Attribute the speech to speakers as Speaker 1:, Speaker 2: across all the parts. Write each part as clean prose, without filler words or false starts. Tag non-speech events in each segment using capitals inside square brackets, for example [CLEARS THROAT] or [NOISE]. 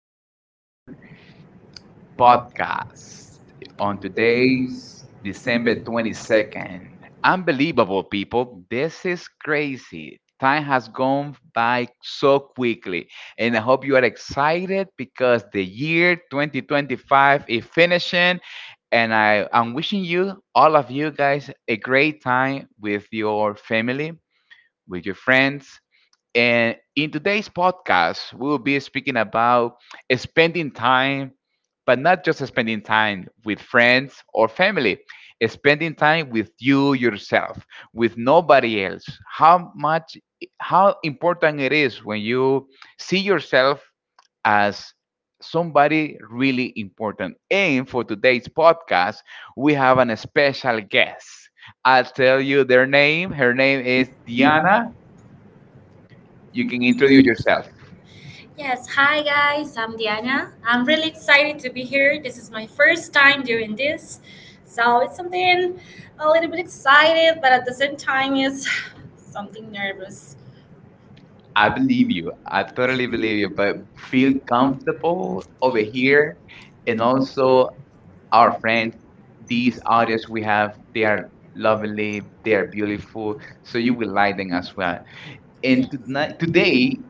Speaker 1: our podcast on today's December 22nd. Unbelievable, people. This is crazy. Time has gone by so quickly, and I hope you are excited because the year 2025 is finishing. And I am wishing you, all of you guys, a great time with your family, with your friends, and in today's podcast, we will be speaking about spending time, but not just spending time with friends or family, spending time with you yourself, with nobody else. How much, how important it is when you see yourself as somebody really important. And for today's podcast, we have an special guest. I'll tell you their name. Her name is Diana. You can introduce yourself.
Speaker 2: Yes, hi guys, I'm Diana. I'm really excited to be here. This is my first time doing this. So it's something a little bit excited, but at the same time, it's [SIGHS] something nervous.
Speaker 1: I believe you. I totally believe you, but feel comfortable over here. And also, our friends, these audience we have, they are lovely, they are beautiful. So you will like them as well. And tonight, today,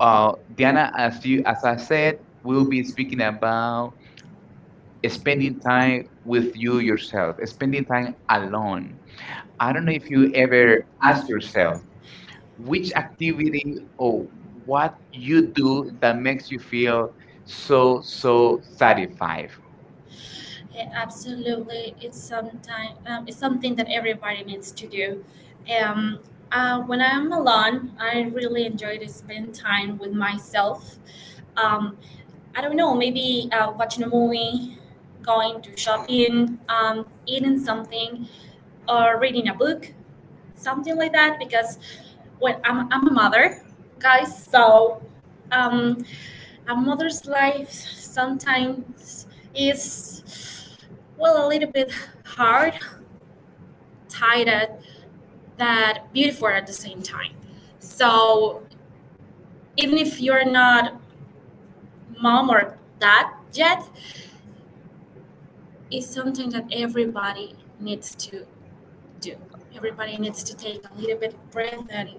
Speaker 1: Diana, as I said, we'll be speaking about spending time with you yourself, spending time alone. I don't know if you ever ask yourself which activity or what you do that makes you feel so satisfied.
Speaker 2: Yeah, absolutely. It's something that everybody needs to do. Um, when I'm alone, I really enjoy to spend time with myself. Um, I don't know, maybe watching a movie, going to shopping, eating something or reading a book, something like that, because well, I'm a mother, guys, so um, a mother's life sometimes is, well, a little bit hard, tired, that beautiful at the same time. So even if you're not mom or dad yet, it's something that everybody needs to do. Everybody needs to take a little bit of breath and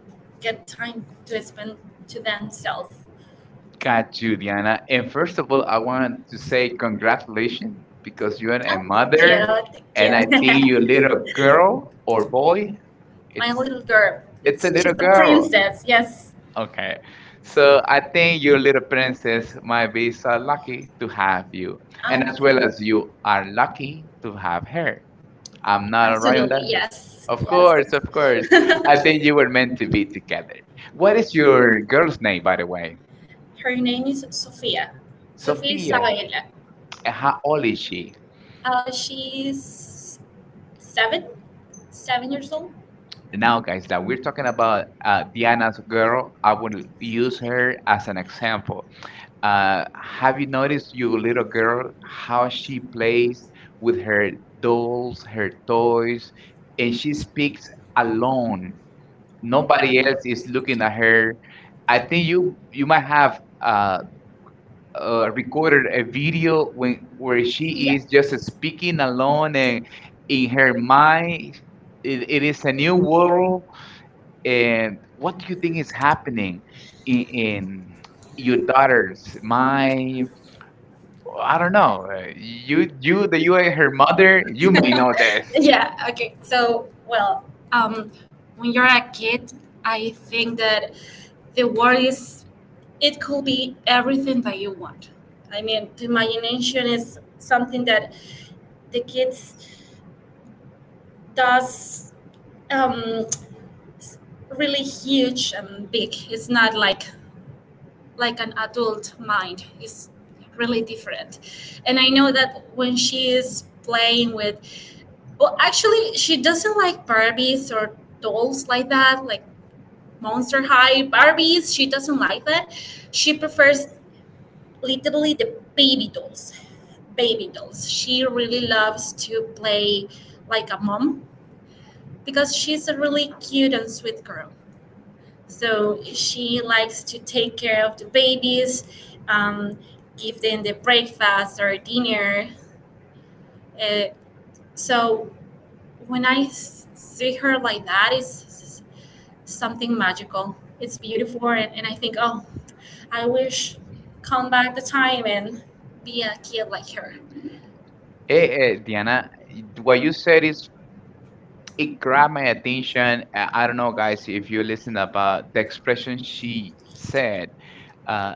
Speaker 2: get time to spend to themselves.
Speaker 1: Got you, Diana. And first of all, I want to say congratulations because you are a
Speaker 2: Ah,
Speaker 1: mother,
Speaker 2: yeah,
Speaker 1: and I think
Speaker 2: thank
Speaker 1: your
Speaker 2: you. [LAUGHS]
Speaker 1: little
Speaker 2: you.
Speaker 1: girl or boy,
Speaker 2: My
Speaker 1: it's
Speaker 2: little girl,
Speaker 1: it's
Speaker 2: she's
Speaker 1: a little
Speaker 2: a
Speaker 1: girl,
Speaker 2: princess. Yes,
Speaker 1: okay, so I think your little princess might be so lucky to have you,
Speaker 2: um,
Speaker 1: and as well as
Speaker 2: um,
Speaker 1: you are lucky to have her.
Speaker 2: our
Speaker 1: I'm not all right
Speaker 2: absolutely
Speaker 1: on
Speaker 2: mother.
Speaker 1: that.
Speaker 2: Yes,
Speaker 1: Of course, of course. I
Speaker 2: yes. [LAUGHS]
Speaker 1: think you were meant to be together. What is your girl's name, by the way?
Speaker 2: Her name is Sofia. Sofia
Speaker 1: Sophia.
Speaker 2: Sophia. Isabella.
Speaker 1: And how old is she?
Speaker 2: She's seven, 7 years old.
Speaker 1: Now, guys, that we're talking about Diana's girl, I will use her as an example. Have you noticed your little girl, how she plays with her dolls, her toys, and she speaks alone, nobody else is looking at her? I think you might have recorded a video when where she is just speaking alone, and in her mind, it is a new world. And what do you think is happening in your daughter's mind? I don't know. You that you are her mother, you may know this.
Speaker 2: Yeah, okay. So, well, um, when you're a kid, I think that the world is, it could be everything that you want. I mean, the imagination is something that the kids does um, s- really huge and big. It's not like an adult mind. It's really different. And I know that when she is playing with, well, actually, she doesn't like Barbies or dolls like that, like Monster High, Barbies. She doesn't like that. She prefers literally the baby dolls. Baby dolls. She really loves to play like a mom because she's a really cute and sweet girl. So she likes to take care of the babies, um, give them the breakfast or dinner. Uh, so when I see her like that, it's something magical. It's beautiful, and I think, oh, I wish come back the time and be a kid like her.
Speaker 1: Hey, Diana, what you said, is, it grabbed my attention. I don't know, guys, if you listen about the expression she said. Uh,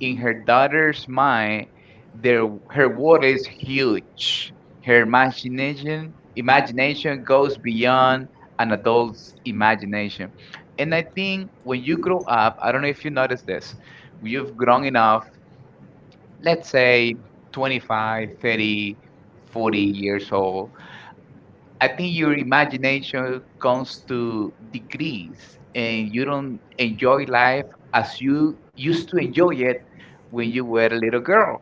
Speaker 1: in her daughter's mind, their her world is huge. Her imagination goes beyond an adult's imagination, and I think when you grow up, I don't know if you notice this, when you've grown enough. Let's say 25, 30, 40 years old. I think your imagination comes to decrease, and you don't enjoy life as you used to enjoy it when you were a little girl,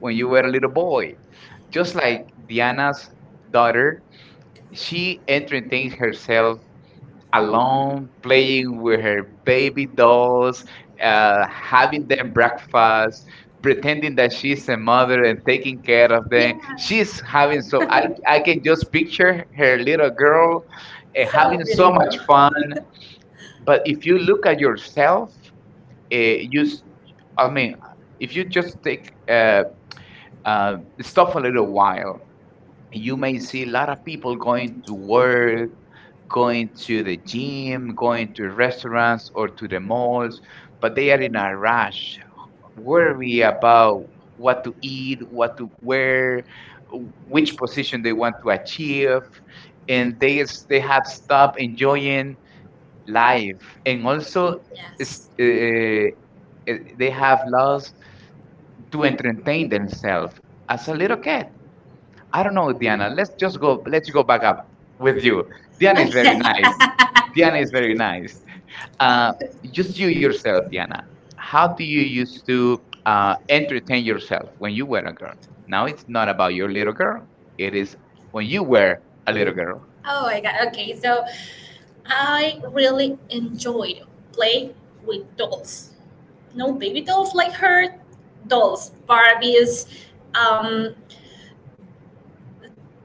Speaker 1: when you were a little boy. Just like Diana's daughter, she entertains herself alone, playing with her baby dolls, having them breakfast, pretending that she's a mother and taking
Speaker 2: Yeah,
Speaker 1: care of them. She's having so I can just picture her little girl
Speaker 2: so
Speaker 1: having so much fun.
Speaker 2: beautiful.
Speaker 1: But if you look at yourself, uh, you s- I mean, if you just take stop a little while, you may see a lot of people going to work, going to the gym, going to restaurants or to the malls, but they are in a rush, worry about what to eat, what to wear, which position they want to achieve, and they have stopped enjoying life, and also is-
Speaker 2: Yes.
Speaker 1: eh, eh, they have lost to entertain themselves as a little kid. I don't know, Diana. Let's just go. Let's go back up with you. Diana is very
Speaker 2: Okay.
Speaker 1: nice.
Speaker 2: [LAUGHS]
Speaker 1: Diana is very nice. Uh, just you yourself, Diana. How do you used to entertain yourself when you were a girl? Now it's not about your little girl. It is when you were a little girl.
Speaker 2: Oh my god. Okay, so I really enjoyed play with dolls. No baby dolls like her, dolls, Barbies. Um,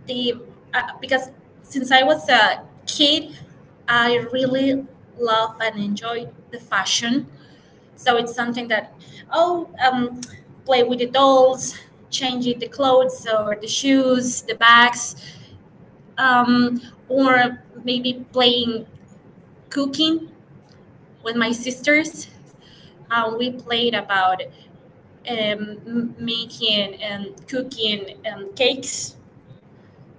Speaker 2: the Because since I was a kid, I really love and enjoyed the fashion. So it's something that, oh, play with the dolls, changing the clothes or the shoes, the bags, um, or maybe playing cooking with my sisters. We played about um, making and cooking cakes.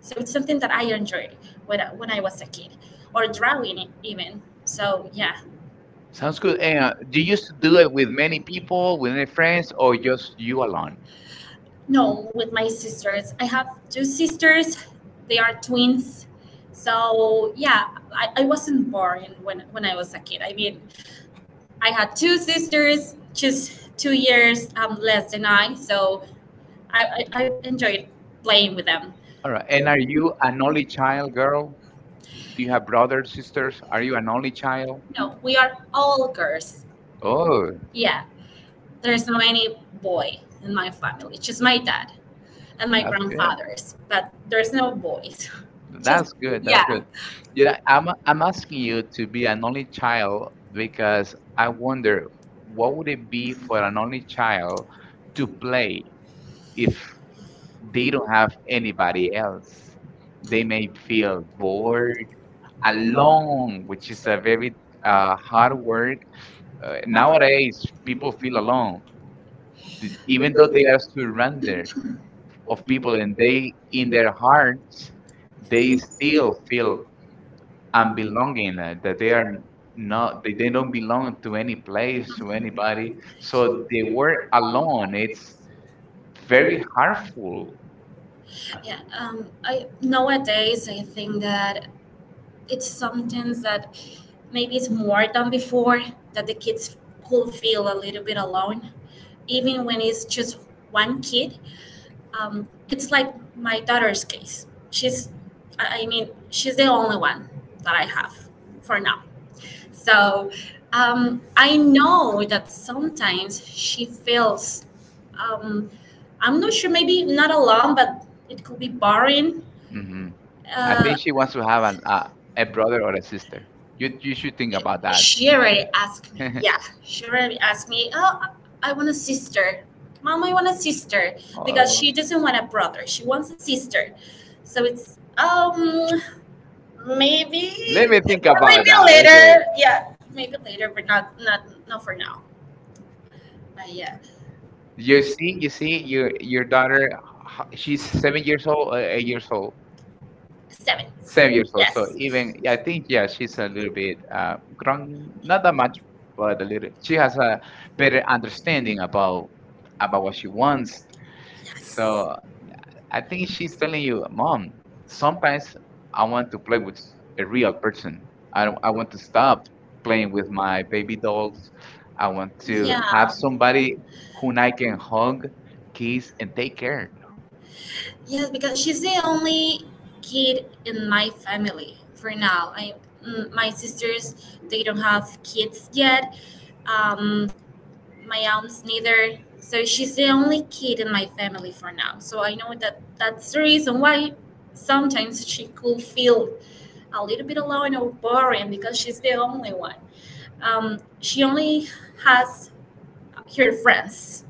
Speaker 2: So it's something that I enjoyed when I was a kid, or drawing even. So yeah.
Speaker 1: Sounds good. And, do you used to do it with many people, with many friends, or just you alone?
Speaker 2: No, with my sisters. I have two sisters. They are twins. So yeah, I wasn't born when I was a kid. I mean, I had two sisters, just 2 years less than I. So I enjoyed playing with them.
Speaker 1: All right. And are you an only child girl? Do you have brothers, sisters? Are you an only child?
Speaker 2: No, we are all girls.
Speaker 1: Oh,
Speaker 2: Yeah, there's no any boy in my family. Just my dad and my
Speaker 1: that's good.
Speaker 2: grandfathers, but there's no boys. [LAUGHS] Just
Speaker 1: That's good. That's
Speaker 2: yeah.
Speaker 1: good. You know, I'm asking you to be an only child because I wonder what would it be for an only child to play if they don't have anybody else. They may feel bored, alone, which is a very hard work. Nowadays, people feel alone, even though they are surrounded of people, and they, in their hearts, they still feel and belonging that they are not they don't belong to any place, to anybody, so they were alone. It's very harmful.
Speaker 2: Yeah, I nowadays I think that it's something that maybe it's more than before that the kids could feel a little bit alone, even when it's just one kid. It's like my daughter's case. I mean, she's the only one that I have for now. So I know that sometimes she feels um, I'm not sure, maybe not alone, but it could be boring.
Speaker 1: Hmm. I
Speaker 2: Uh,
Speaker 1: think she wants to have a brother or a sister. You should think about that.
Speaker 2: she already asked me. Yeah,
Speaker 1: [LAUGHS]
Speaker 2: she already asked me. Oh, I want a sister. Mom, I want a sister because
Speaker 1: Oh,
Speaker 2: she doesn't want a brother. She wants a sister. So it's maybe
Speaker 1: let me think about
Speaker 2: maybe
Speaker 1: that.
Speaker 2: later.
Speaker 1: Okay,
Speaker 2: Yeah, maybe later, but not not not for now. But yeah,
Speaker 1: you see your daughter, she's 7 years old, 8 years old.
Speaker 2: seven.
Speaker 1: Seven
Speaker 2: Seven.
Speaker 1: years old. So
Speaker 2: Yes.
Speaker 1: even I think yeah, she's a little bit grown, not that much, but a little. She has a better understanding about what she wants. So I think she's telling you, Mom, sometimes I want to play with a real person. I don't, I want to stop playing with my baby dolls. I want
Speaker 2: Yes.
Speaker 1: to have
Speaker 2: Yeah.
Speaker 1: somebody whom I can hug, kiss, and take care.
Speaker 2: Yes, because she's the only kid in my family for now. My sisters they don't have kids yet. Um, my aunts neither. So she's the only kid in my family for now. So I know that that's the reason why sometimes she could feel a little bit alone or boring because she's the only one. She only has her friends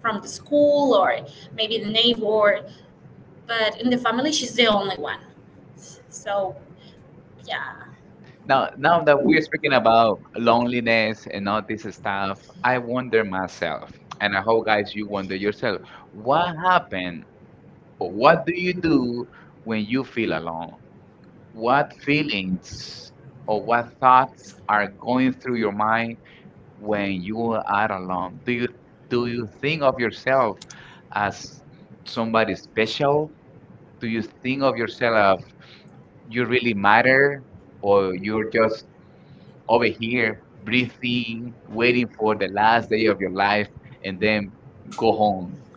Speaker 2: from the school or maybe the neighbor, but in the family she's the only one. So yeah,
Speaker 1: Now, now that we're speaking about loneliness and all this stuff, I wonder myself, and I hope guys you wonder yourself, what happened or what do you do when you feel alone? What feelings or what thoughts are going through your mind when you are alone? Do you think of yourself as somebody special? Do you think of yourself you really matter, or you're just over here, breathing, waiting for the last day of your life, and then go home?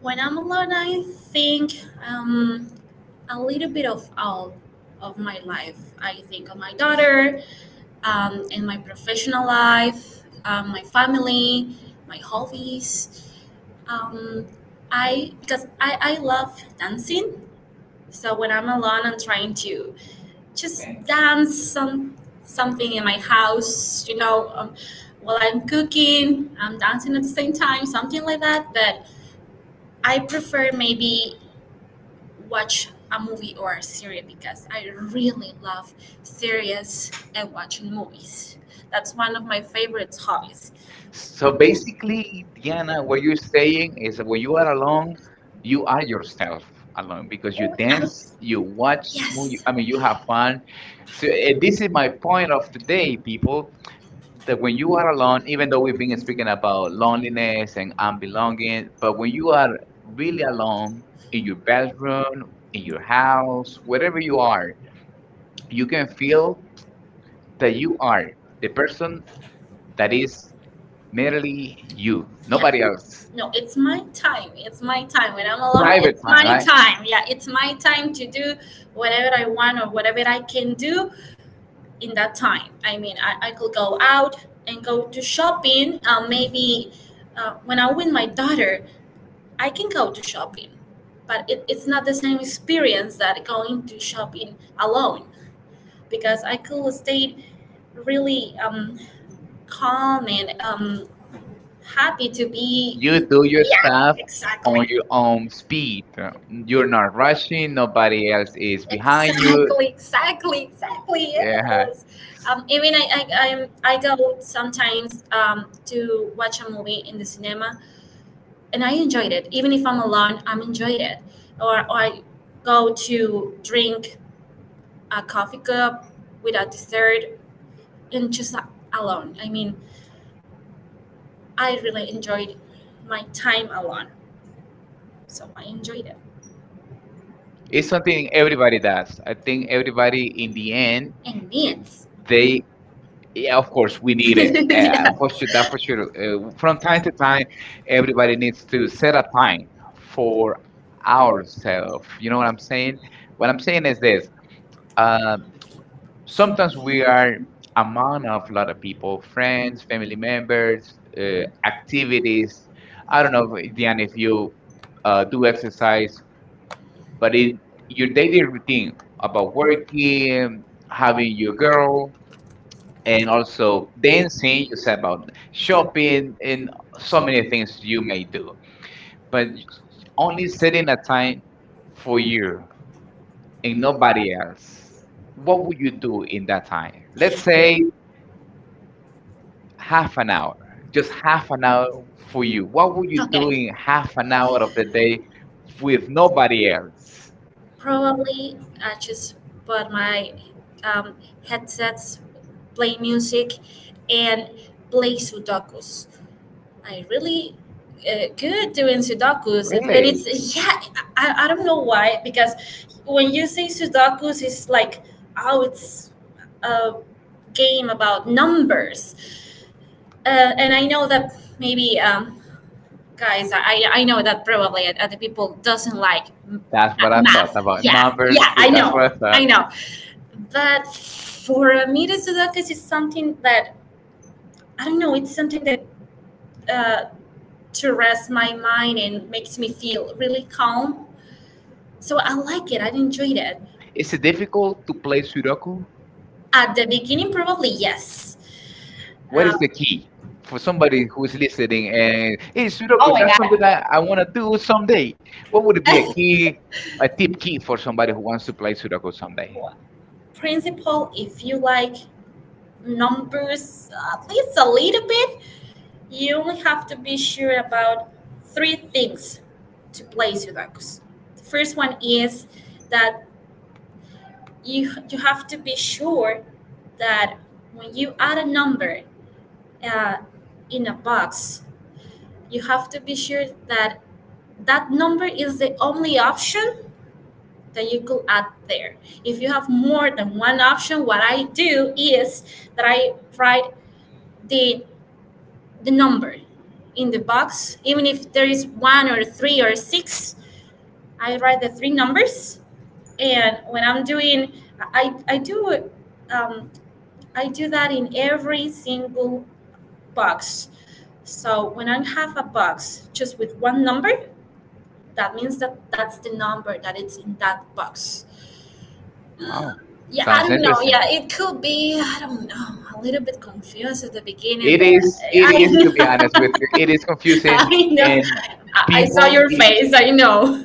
Speaker 2: when I'm alone, I think um, a little bit of all of my life. I think of my daughter, and my professional life, my family, my hobbies. Um, I Because I love dancing. So when I'm alone, I'm trying to just dance something in my house. While I'm cooking, I'm dancing at the same time, something like that. But I prefer maybe watch a movie or a series because I really love series and watching movies. That's one of my favorite hobbies.
Speaker 1: So basically, Diana, what you're saying is that when you are alone, you are
Speaker 2: I,
Speaker 1: yourself alone because you dance, you watch movie,
Speaker 2: yes,
Speaker 1: I mean, you have fun. So this is my point of today, people. That when you are alone, even though we've been speaking about loneliness and unbelonging, but when you are really alone in your bedroom, in your house, wherever you are, you can feel that you are the person that is merely you,
Speaker 2: yeah.
Speaker 1: nobody else.
Speaker 2: No, it's my time. It's my time. When I'm alone,
Speaker 1: Private
Speaker 2: it's my
Speaker 1: time, right?
Speaker 2: time. Yeah, it's my time to do whatever I want or whatever I can do in that time. I mean, I could go out and go to shopping. Maybe when I'm with my daughter, I can go to shopping, but it's not the same experience that going to shopping alone because I could stay really calm and happy to be.
Speaker 1: You do your
Speaker 2: Yeah,
Speaker 1: stuff on
Speaker 2: exactly.
Speaker 1: your own speed. You're not rushing, nobody else is behind you.
Speaker 2: Exactly, exactly, exactly.
Speaker 1: Yeah.
Speaker 2: Yes. Even I go sometimes to watch a movie in the cinema, and I enjoyed it. Even if I'm alone, I'm enjoyed it. Or I go to drink a coffee cup with a dessert and just alone. I mean, I really enjoyed my time alone, so I enjoyed it.
Speaker 1: It's something everybody does. I think everybody in the end,
Speaker 2: And
Speaker 1: eh,
Speaker 2: dance.
Speaker 1: they Yeah, of course,
Speaker 2: [LAUGHS]
Speaker 1: we need it.
Speaker 2: Yeah.
Speaker 1: For sure, that for sure. From time to time, everybody needs to set a time for ourselves. You know what I'm saying? What I'm saying is this. Uh, sometimes we are among of a lot of people, friends, family members, activities. I don't know, if, Diane, if you do exercise, but in your daily routine about working, having your girl, and also dancing, you said about shopping and so many things you may do, but only setting a time for you and nobody else, what would you do in that time? Let's say half an hour, just half an hour for you. What would you do
Speaker 2: Okay.
Speaker 1: in half an hour of the day with nobody else?
Speaker 2: Probably I just put my um, headsets, play music, and play Sudokus. I really good doing Sudokus, and
Speaker 1: Really?
Speaker 2: it's yeah. I don't know why because when you say Sudokus, it's like oh, it's a game about numbers, and I know that maybe. Guys, I know that probably other people doesn't like
Speaker 1: That's what I thought.
Speaker 2: math.
Speaker 1: About
Speaker 2: Yeah,
Speaker 1: numbers,
Speaker 2: yeah, I
Speaker 1: that's what I
Speaker 2: know, I
Speaker 1: thought.
Speaker 2: know, but for me the Sudokus is something that, I don't know, it's something that uh, to rest my mind and makes me feel really calm. So I like it, I enjoyed it.
Speaker 1: Is it difficult to play Sudoku?
Speaker 2: At the beginning probably, yes.
Speaker 1: What
Speaker 2: uh,
Speaker 1: is the key for somebody who's listening and hey, Sudoku,
Speaker 2: oh my
Speaker 1: that's something
Speaker 2: god.
Speaker 1: that I want to do someday. What would be a key, a tip key for somebody who wants to play Sudoku someday?
Speaker 2: Principle, if you like numbers at least a little bit. You only have to be sure about three things to play Sudokus. The first one is that you have to be sure that when you add a number uh, in a box, you have to be sure that that number is the only option that you could add there. If you have more than one option, what I do is that I write the the number in the box, even if there is one or three or six. I write the three numbers, and when I'm doing, I do it. Um, I do that in every single box. So when I have a box just with one number, that means that that's the number that it's in that box.
Speaker 1: Wow,
Speaker 2: Yeah, I
Speaker 1: sounds
Speaker 2: don't know.
Speaker 1: interesting.
Speaker 2: Yeah, it could be. I don't know. A little bit confused at the beginning,
Speaker 1: It
Speaker 2: but
Speaker 1: is, it is to be honest with you, it
Speaker 2: I. [LAUGHS]
Speaker 1: is
Speaker 2: [LAUGHS]
Speaker 1: confusing,
Speaker 2: I know.
Speaker 1: and
Speaker 2: I saw
Speaker 1: people,
Speaker 2: your face. I know.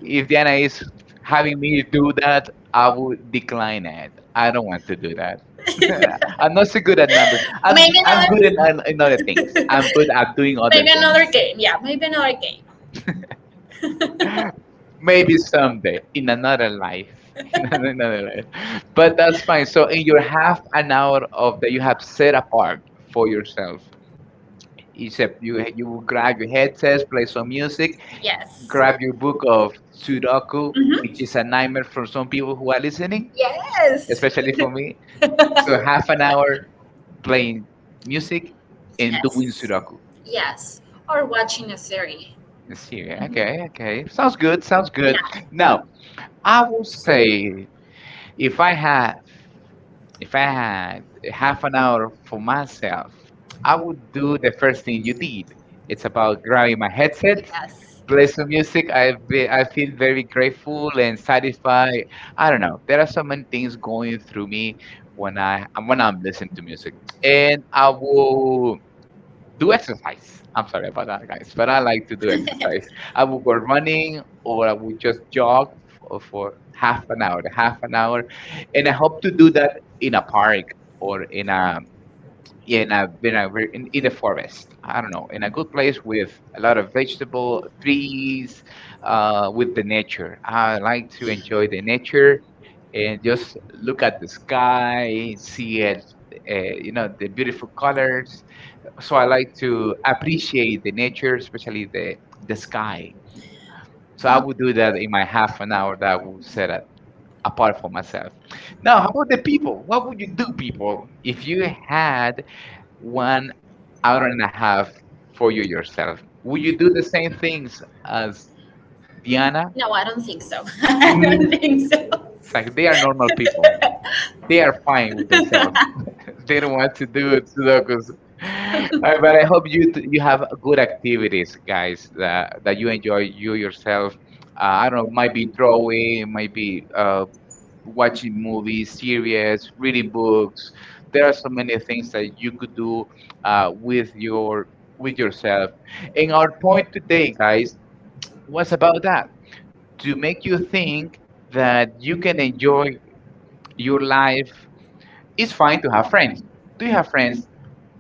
Speaker 1: if Diana is having me do that, I would decline it. I don't want to do that.
Speaker 2: [LAUGHS]
Speaker 1: [LAUGHS] I'm
Speaker 2: Maybe
Speaker 1: not so good at numbers. I'm good in,
Speaker 2: another
Speaker 1: in, in other things. I'm good
Speaker 2: at
Speaker 1: at doing
Speaker 2: maybe
Speaker 1: other things.
Speaker 2: another game. Yeah. Maybe another game. [LAUGHS]
Speaker 1: Maybe someday in another life, [LAUGHS] in another life. But that's fine. So in your half an hour of that you have set apart for yourself, except you will grab your headsets, play some music,
Speaker 2: Yes.
Speaker 1: grab your book
Speaker 2: Mhm.
Speaker 1: of Sudoku, which is a nightmare for some people who are listening,
Speaker 2: Yes.
Speaker 1: especially for me.
Speaker 2: [LAUGHS]
Speaker 1: So half an hour playing music and doing
Speaker 2: Yes.
Speaker 1: Sudoku.
Speaker 2: Yes. Or watching a series.
Speaker 1: Let's see. Okay,
Speaker 2: Mhm.
Speaker 1: okay. Sounds good. Sounds good.
Speaker 2: Yeah.
Speaker 1: Now I will say, if I had if I had half an hour for myself, I would do the first thing you did. It's about grabbing my headset,
Speaker 2: Yes.
Speaker 1: play some music. I feel very grateful and satisfied. I don't know. There are so many things going through me when I'm listening to music, and I will do exercise. I'm sorry about that, guys, but I like to do exercise. I would go running, or I would just jog for half an hour, and I hope to do that in a park or in the forest. I don't know, in a good place with a lot of vegetable trees, with the nature. I like to enjoy the nature and just look at the sky, see it, the beautiful colors. So I like to appreciate the nature, especially the sky. So I would do that in my half an hour that I would apart for myself. Now, how about the people? What would you do, people, if you had 1 hour and a half for yourself? Would you do the same things as Diana?
Speaker 2: No, I don't think so. [LAUGHS] I
Speaker 1: Mm,
Speaker 2: don't think so.
Speaker 1: it's like they are normal people. They are fine with themselves. They don't want to do it, Sudokus. [LAUGHS]
Speaker 2: [LAUGHS]
Speaker 1: But I hope you have good activities, guys, that you enjoy yourself. I don't know, might be drawing, might be watching movies, series, reading books. There are so many things that you could do with your with yourself. And our point today, guys, was about that, to make you think that you can enjoy your life. It's fine to have friends. Do you have friends,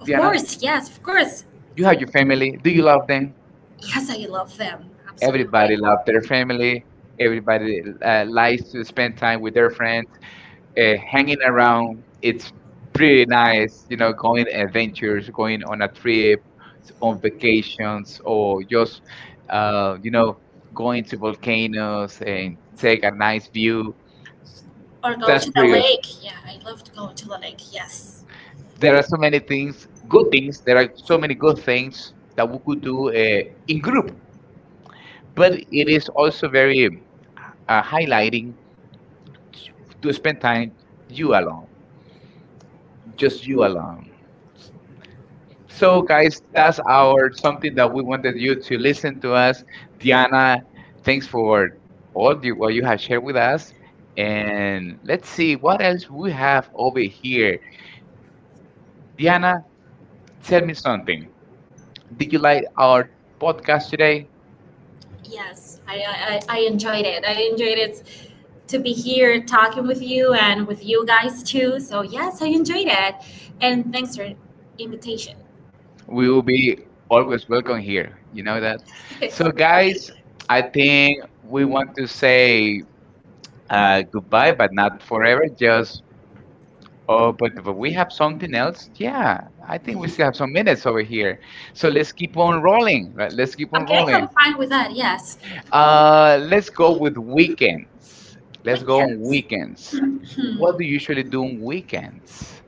Speaker 2: Of
Speaker 1: Diana?
Speaker 2: course. Yes. Of course.
Speaker 1: You have your family. Do you love them?
Speaker 2: Yes, I love them. Absolutely.
Speaker 1: Everybody love their family. Everybody likes to spend time with their friends. Hanging around, it's pretty nice. You know, going adventures, going on a trip, on vacations, or just you know, going to volcanoes and take a nice view.
Speaker 2: Or go
Speaker 1: That's
Speaker 2: to that's the
Speaker 1: pretty awesome.
Speaker 2: lake. Yeah, I love to go to the lake. Yes.
Speaker 1: There are so many things, good things. There are so many good things that we could do in group, but it is also very highlighting to spend time you alone, just you alone. So, guys, that's our something that we wanted you to listen to us. Diana, thanks for all the, what you have shared with us. And let's see what else we have over here. Diana, tell me something. Did you like our podcast today?
Speaker 2: Yes. I enjoyed it. I enjoyed it to be here talking with you and with you guys too. So yes, I enjoyed it. And thanks for invitation. [LAUGHS]
Speaker 1: We will be always welcome here. You know that. So, guys, I think we want to say goodbye, but not forever. Just oh, but we have something else. Yeah, I think we still have some minutes over here. So let's keep on rolling. Right? Let's keep on
Speaker 2: Okay,
Speaker 1: rolling.
Speaker 2: I'm fine with that, yes.
Speaker 1: Let's go with weekends. Let's go on weekends. What do you
Speaker 2: [CLEARS THROAT]
Speaker 1: usually do on weekends?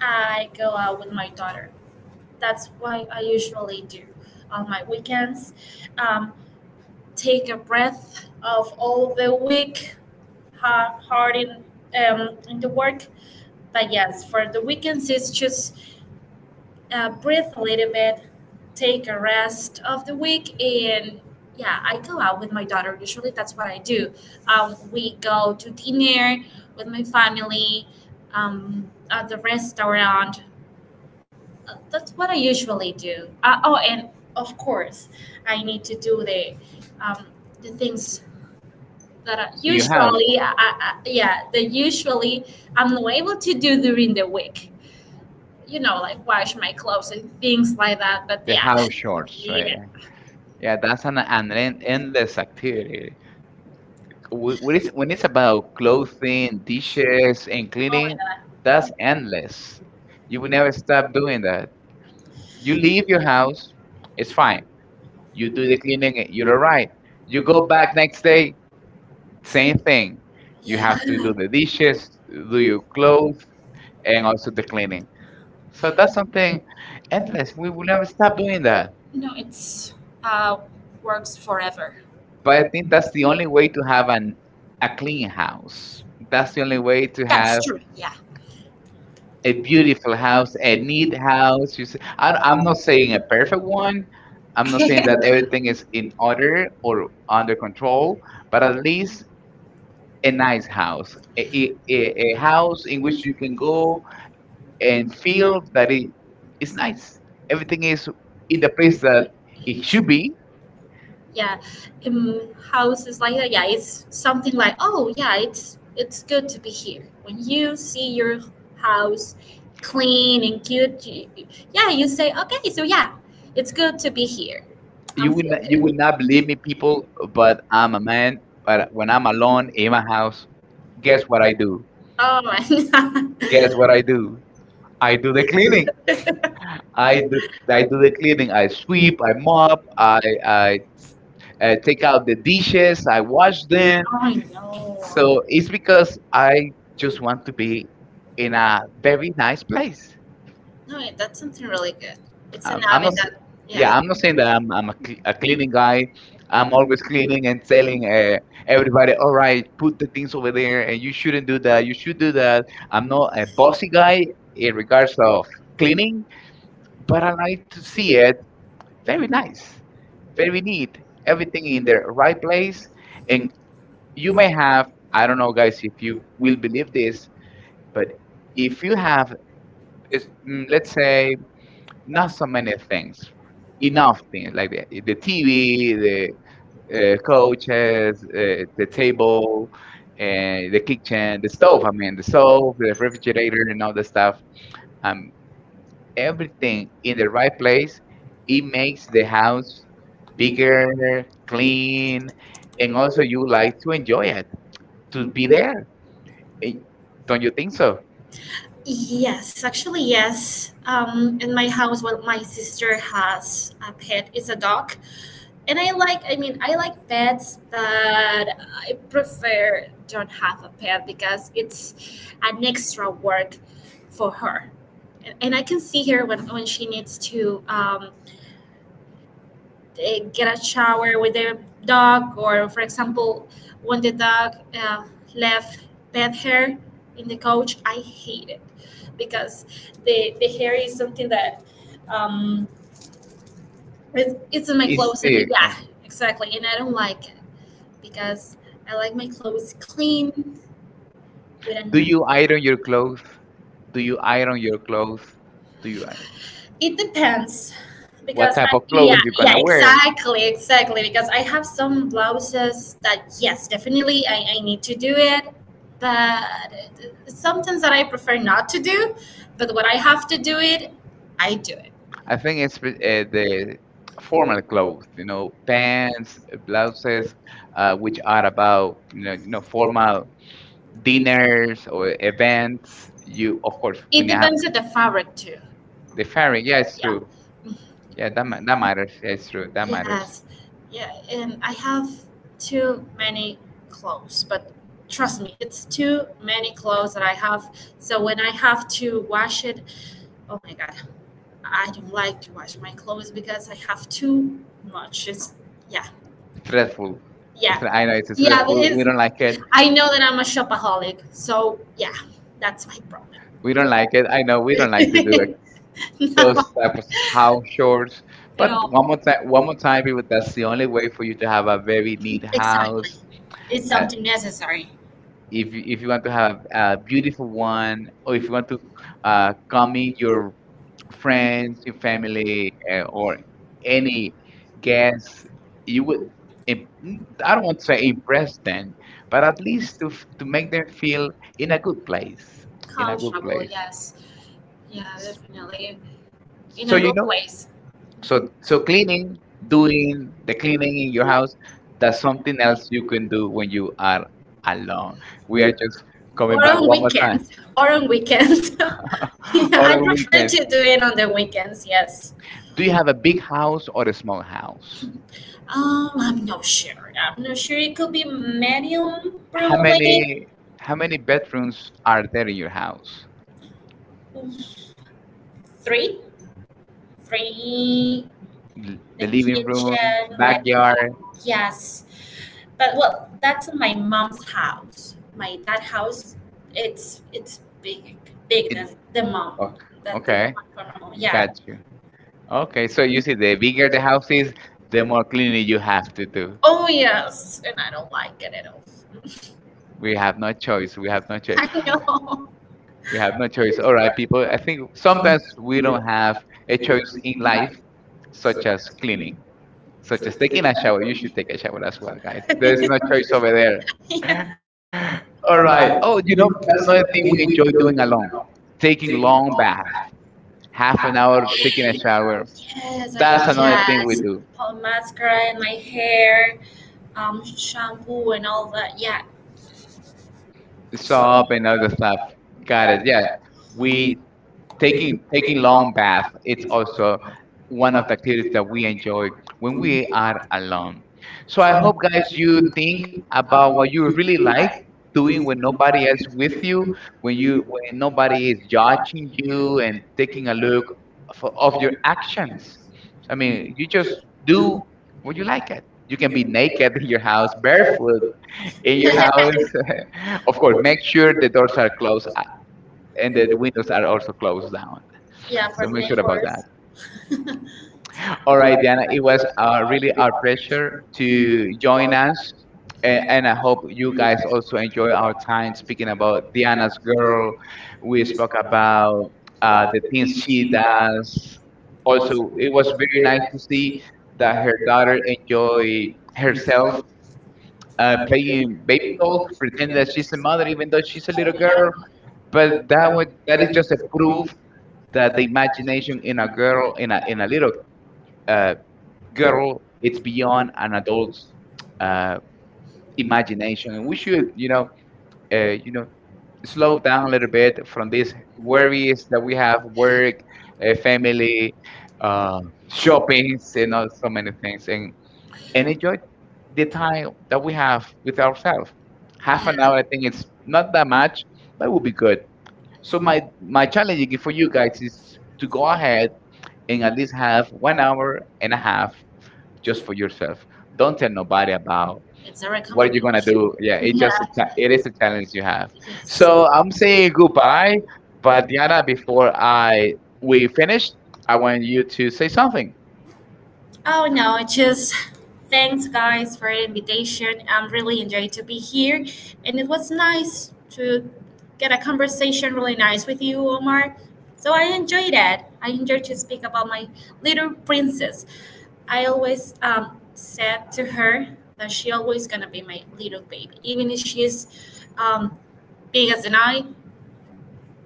Speaker 2: I go out with my daughter. That's what I usually do on my weekends. Um, Take a breath of all the week hard in the work. But yes, for the weekends it's just breathe a little bit, take a rest of the week. And yeah, I go out with my daughter usually. That's what I do. We go to dinner with my family, at the restaurant. That's what I usually do. Oh, and of course I need to do the um, things that I,
Speaker 1: You have
Speaker 2: usually yeah, that usually I'm not able to do during the week, like wash my clothes and things like that. But
Speaker 1: the
Speaker 2: yeah,
Speaker 1: house chores, right?
Speaker 2: yeah.
Speaker 1: Yeah, that's an endless activity. When it's about clothing, dishes, and
Speaker 2: Oh my
Speaker 1: cleaning,
Speaker 2: god,
Speaker 1: that's endless. You will never stop doing that. You leave your house, it's fine. You do the cleaning, you're all right. You go back next day, same thing. You have to do the dishes, do your clothes, and also the cleaning. So that's something endless. We will never stop doing that.
Speaker 2: no, it's uh works forever,
Speaker 1: But I think that's the only way to have an a clean house. That's the only way to
Speaker 2: that's
Speaker 1: have
Speaker 2: true. Yeah.
Speaker 1: a beautiful house, a neat house. You see, I'm not saying a perfect one. I'm not saying that everything is in order or under
Speaker 2: [LAUGHS]
Speaker 1: control, but at least a nice house, a house in which you can go and feel that it is nice. Everything is in the place that it should be.
Speaker 2: Yeah, um, houses like that. Yeah, it's something like, oh yeah, it's good to be here. When you see your house clean and cute, you, yeah, you say okay. So yeah, it's good to be here, I'm feel
Speaker 1: You will
Speaker 2: good.
Speaker 1: not believe me, people, but I'm a man. But when I'm alone in my house, guess what I do?
Speaker 2: Oh my [LAUGHS] god.
Speaker 1: Guess what I do? I do the cleaning. I do I do the cleaning. I sweep, I mop, I take out the dishes, I wash them.
Speaker 2: Oh, I know.
Speaker 1: So it's because I just want to be in a very nice place.
Speaker 2: No, wait, that's something really good. It's an
Speaker 1: I'm not,
Speaker 2: habit that,
Speaker 1: yeah,
Speaker 2: yeah.
Speaker 1: I'm not saying that I'm a, a cleaning guy. I'm always cleaning and telling everybody, all right, put the things over there, and you shouldn't do that. You should do that. I'm not a bossy guy in regards of cleaning, but I like to see it very nice, very neat. Everything in the right place. And you may have, I don't know, guys, if you will believe this, but if you have, it's, mm, let's say, not so many things, enough things like the TV, the coaches, the table, the kitchen, the stove. I mean, the stove, the refrigerator, and all the stuff. Um, everything in the right place, it makes the house bigger, clean, and also you like to enjoy it, to be there. Eh, Don't you think so?
Speaker 2: Yes, actually, yes. In my house, what my sister has a pet is a dog, and I like. I mean, I like pets, but I prefer don't have a pet because it's an extra work for her, and I can see her when she needs to get a shower with the dog, or for example, when the dog left pet hair in the couch, I hate it because the hair is something that um, it's in my
Speaker 1: It's
Speaker 2: clothes. And,
Speaker 1: the,
Speaker 2: yeah, exactly, and I don't like it because I like my clothes clean with
Speaker 1: do
Speaker 2: a,
Speaker 1: you iron your clothes? Do you iron your clothes? Do you i-
Speaker 2: it depends.
Speaker 1: what
Speaker 2: Because
Speaker 1: type of clothes
Speaker 2: yeah,
Speaker 1: you're
Speaker 2: yeah,
Speaker 1: gonna wear?
Speaker 2: exactly, exactly, because I have some blouses that, yes, definitely I need to do it. But sometimes that I prefer not to do, but when I have to do it, I do
Speaker 1: I think it's the formal clothes, you know, pants, blouses, which are about you know formal
Speaker 2: it.
Speaker 1: dinners or events, you of course
Speaker 2: It
Speaker 1: when you have
Speaker 2: depends on the fabric too.
Speaker 1: the fairing, yeah,
Speaker 2: Yeah,
Speaker 1: it's true. Yeah, that matters. Yeah, it's true. That matters.
Speaker 2: yes, yeah. And I have too many clothes, but trust me, it's too many clothes that I have. So when I have to wash it. Oh my god, I don't like to wash my clothes because I have too much. It's yeah,
Speaker 1: It's stressful.
Speaker 2: yeah,
Speaker 1: I know it's
Speaker 2: yeah.
Speaker 1: stressful.
Speaker 2: It
Speaker 1: We
Speaker 2: is.
Speaker 1: don't like it.
Speaker 2: I know that I'm a shopaholic, so yeah, that's my problem.
Speaker 1: We don't like it. I know we don't like to do it.
Speaker 2: [LAUGHS] No,
Speaker 1: Those type of house chores.
Speaker 2: at
Speaker 1: But
Speaker 2: all.
Speaker 1: one more time, people, that's the only way for you to have a very neat
Speaker 2: Exactly.
Speaker 1: house.
Speaker 2: It's
Speaker 1: Uh,
Speaker 2: something necessary.
Speaker 1: if you want to have a beautiful one, or if you want to come in your friends, your family, or any guests, you would, im- mm, I don't want to say impress them, but at least to, to make them feel in a good place, in a good
Speaker 2: Comfortable,
Speaker 1: place.
Speaker 2: yes. Yeah,
Speaker 1: S-
Speaker 2: definitely. In
Speaker 1: So,
Speaker 2: a
Speaker 1: you
Speaker 2: good
Speaker 1: know,
Speaker 2: place.
Speaker 1: so, so cleaning, doing the cleaning in your house, that's something else you can do when you are alone. We are just coming
Speaker 2: Or
Speaker 1: back
Speaker 2: on
Speaker 1: one more time.
Speaker 2: weekends. Or on weekends. [LAUGHS]
Speaker 1: [GASPS] [LAUGHS]
Speaker 2: Yeah, I
Speaker 1: Other
Speaker 2: prefer to
Speaker 1: weekends.
Speaker 2: do it on the weekends, yes.
Speaker 1: Do you have a big house or a small house?
Speaker 2: I'm not sure. I'm not sure. It could be medium,
Speaker 1: How
Speaker 2: probably
Speaker 1: many how many bedrooms are there in your house?
Speaker 2: three, three. The
Speaker 1: The living room,
Speaker 2: kitchen, like
Speaker 1: backyard.
Speaker 2: yes, but well, that's in my mom's house. My dad house, it's big, big than
Speaker 1: It's
Speaker 2: the mom.
Speaker 1: okay.
Speaker 2: That the one
Speaker 1: Okay.
Speaker 2: from my mom.
Speaker 1: Got
Speaker 2: Yeah.
Speaker 1: you. Okay, so you see, the bigger the house is, the more cleaning you have to do.
Speaker 2: Oh yes, and I don't like it at all.
Speaker 1: We have no choice. We have no
Speaker 2: [LAUGHS]
Speaker 1: choice.
Speaker 2: I know.
Speaker 1: We have no choice. All right, people. I think sometimes we don't have a choice in life, such as cleaning, such as taking a shower. You should take a shower as well, guys. There's no
Speaker 2: [LAUGHS]
Speaker 1: choice over there.
Speaker 2: Yes,
Speaker 1: [LAUGHS] All right. Oh, you know, another thing we enjoy doing alone, taking long baths, half an hour taking a shower.
Speaker 2: I
Speaker 1: That's another thing we
Speaker 2: yes.
Speaker 1: do.
Speaker 2: Put mascara in my hair, shampoo and all that. Yeah,
Speaker 1: Soap and other stuff. Got it. Yeah. We taking taking long bath, it's also one of the activities that we enjoy when we are alone. So I hope, guys, you think about what you really like doing when nobody else with you, when nobody is judging you and taking a look for, of your actions. I mean, you just do what you like it. You can be naked in your house, barefoot
Speaker 2: [LAUGHS]
Speaker 1: in your
Speaker 2: I
Speaker 1: house.
Speaker 2: was
Speaker 1: [LAUGHS] Of course, make sure the doors are closed, and the windows are also closed down,
Speaker 2: yeah, for
Speaker 1: so
Speaker 2: the
Speaker 1: make sure about
Speaker 2: neighbors.
Speaker 1: that.
Speaker 2: [LAUGHS]
Speaker 1: All right, Diana, it was really our pleasure to join us. And I hope you guys also enjoy our time speaking about Diana's girl. We spoke about the things she does. Also, it was very nice to see that her daughter enjoy herself playing baby dolls, pretending that she's a mother, even though she's a little
Speaker 2: Yeah.
Speaker 1: girl. But that was, that is just a proof that the imagination in a girl, in a little uh, girl, it's beyond an adult's uh, imagination. And we should, you know, slow down a little bit from these worries that we have, work, family, uh, shoppings, you know, so many things, and enjoy the time that we have with ourselves. Half an
Speaker 2: Yeah,
Speaker 1: hour, I think it's not that much, but it will be good. So my challenge for you guys is to go ahead and at least have 1 hour and a half just for yourself. Don't tell nobody about
Speaker 2: it's a
Speaker 1: what you're
Speaker 2: recommendation.
Speaker 1: gonna do. Yeah, it is a challenge you have.
Speaker 2: Yes.
Speaker 1: So I'm saying goodbye, but Diana, before I we finish, I want you to say something.
Speaker 2: Oh no, it's just thanks guys for the invitation. I'm really enjoyed to be here, and it was nice to get a conversation really nice with you, Omar. So I enjoyed it. I enjoyed to speak about my little princess. I always said to her that she always gonna be my little baby, even if she's um, big as an eye.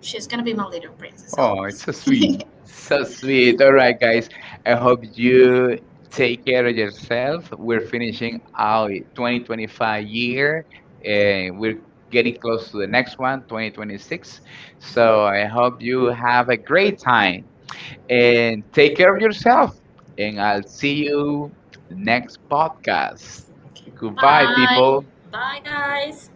Speaker 2: She's gonna be my little princess
Speaker 1: Oh, it's
Speaker 2: always.
Speaker 1: so sweet, so sweet. All right, guys, I hope you take care of yourself. We're finishing our 2025 year, and we're getting close to the next one, 2026. So I hope you have a great time and take care of yourself. And I'll see you next podcast.
Speaker 2: [LAUGHS]
Speaker 1: Goodbye,
Speaker 2: Bye,
Speaker 1: people.
Speaker 2: bye, guys.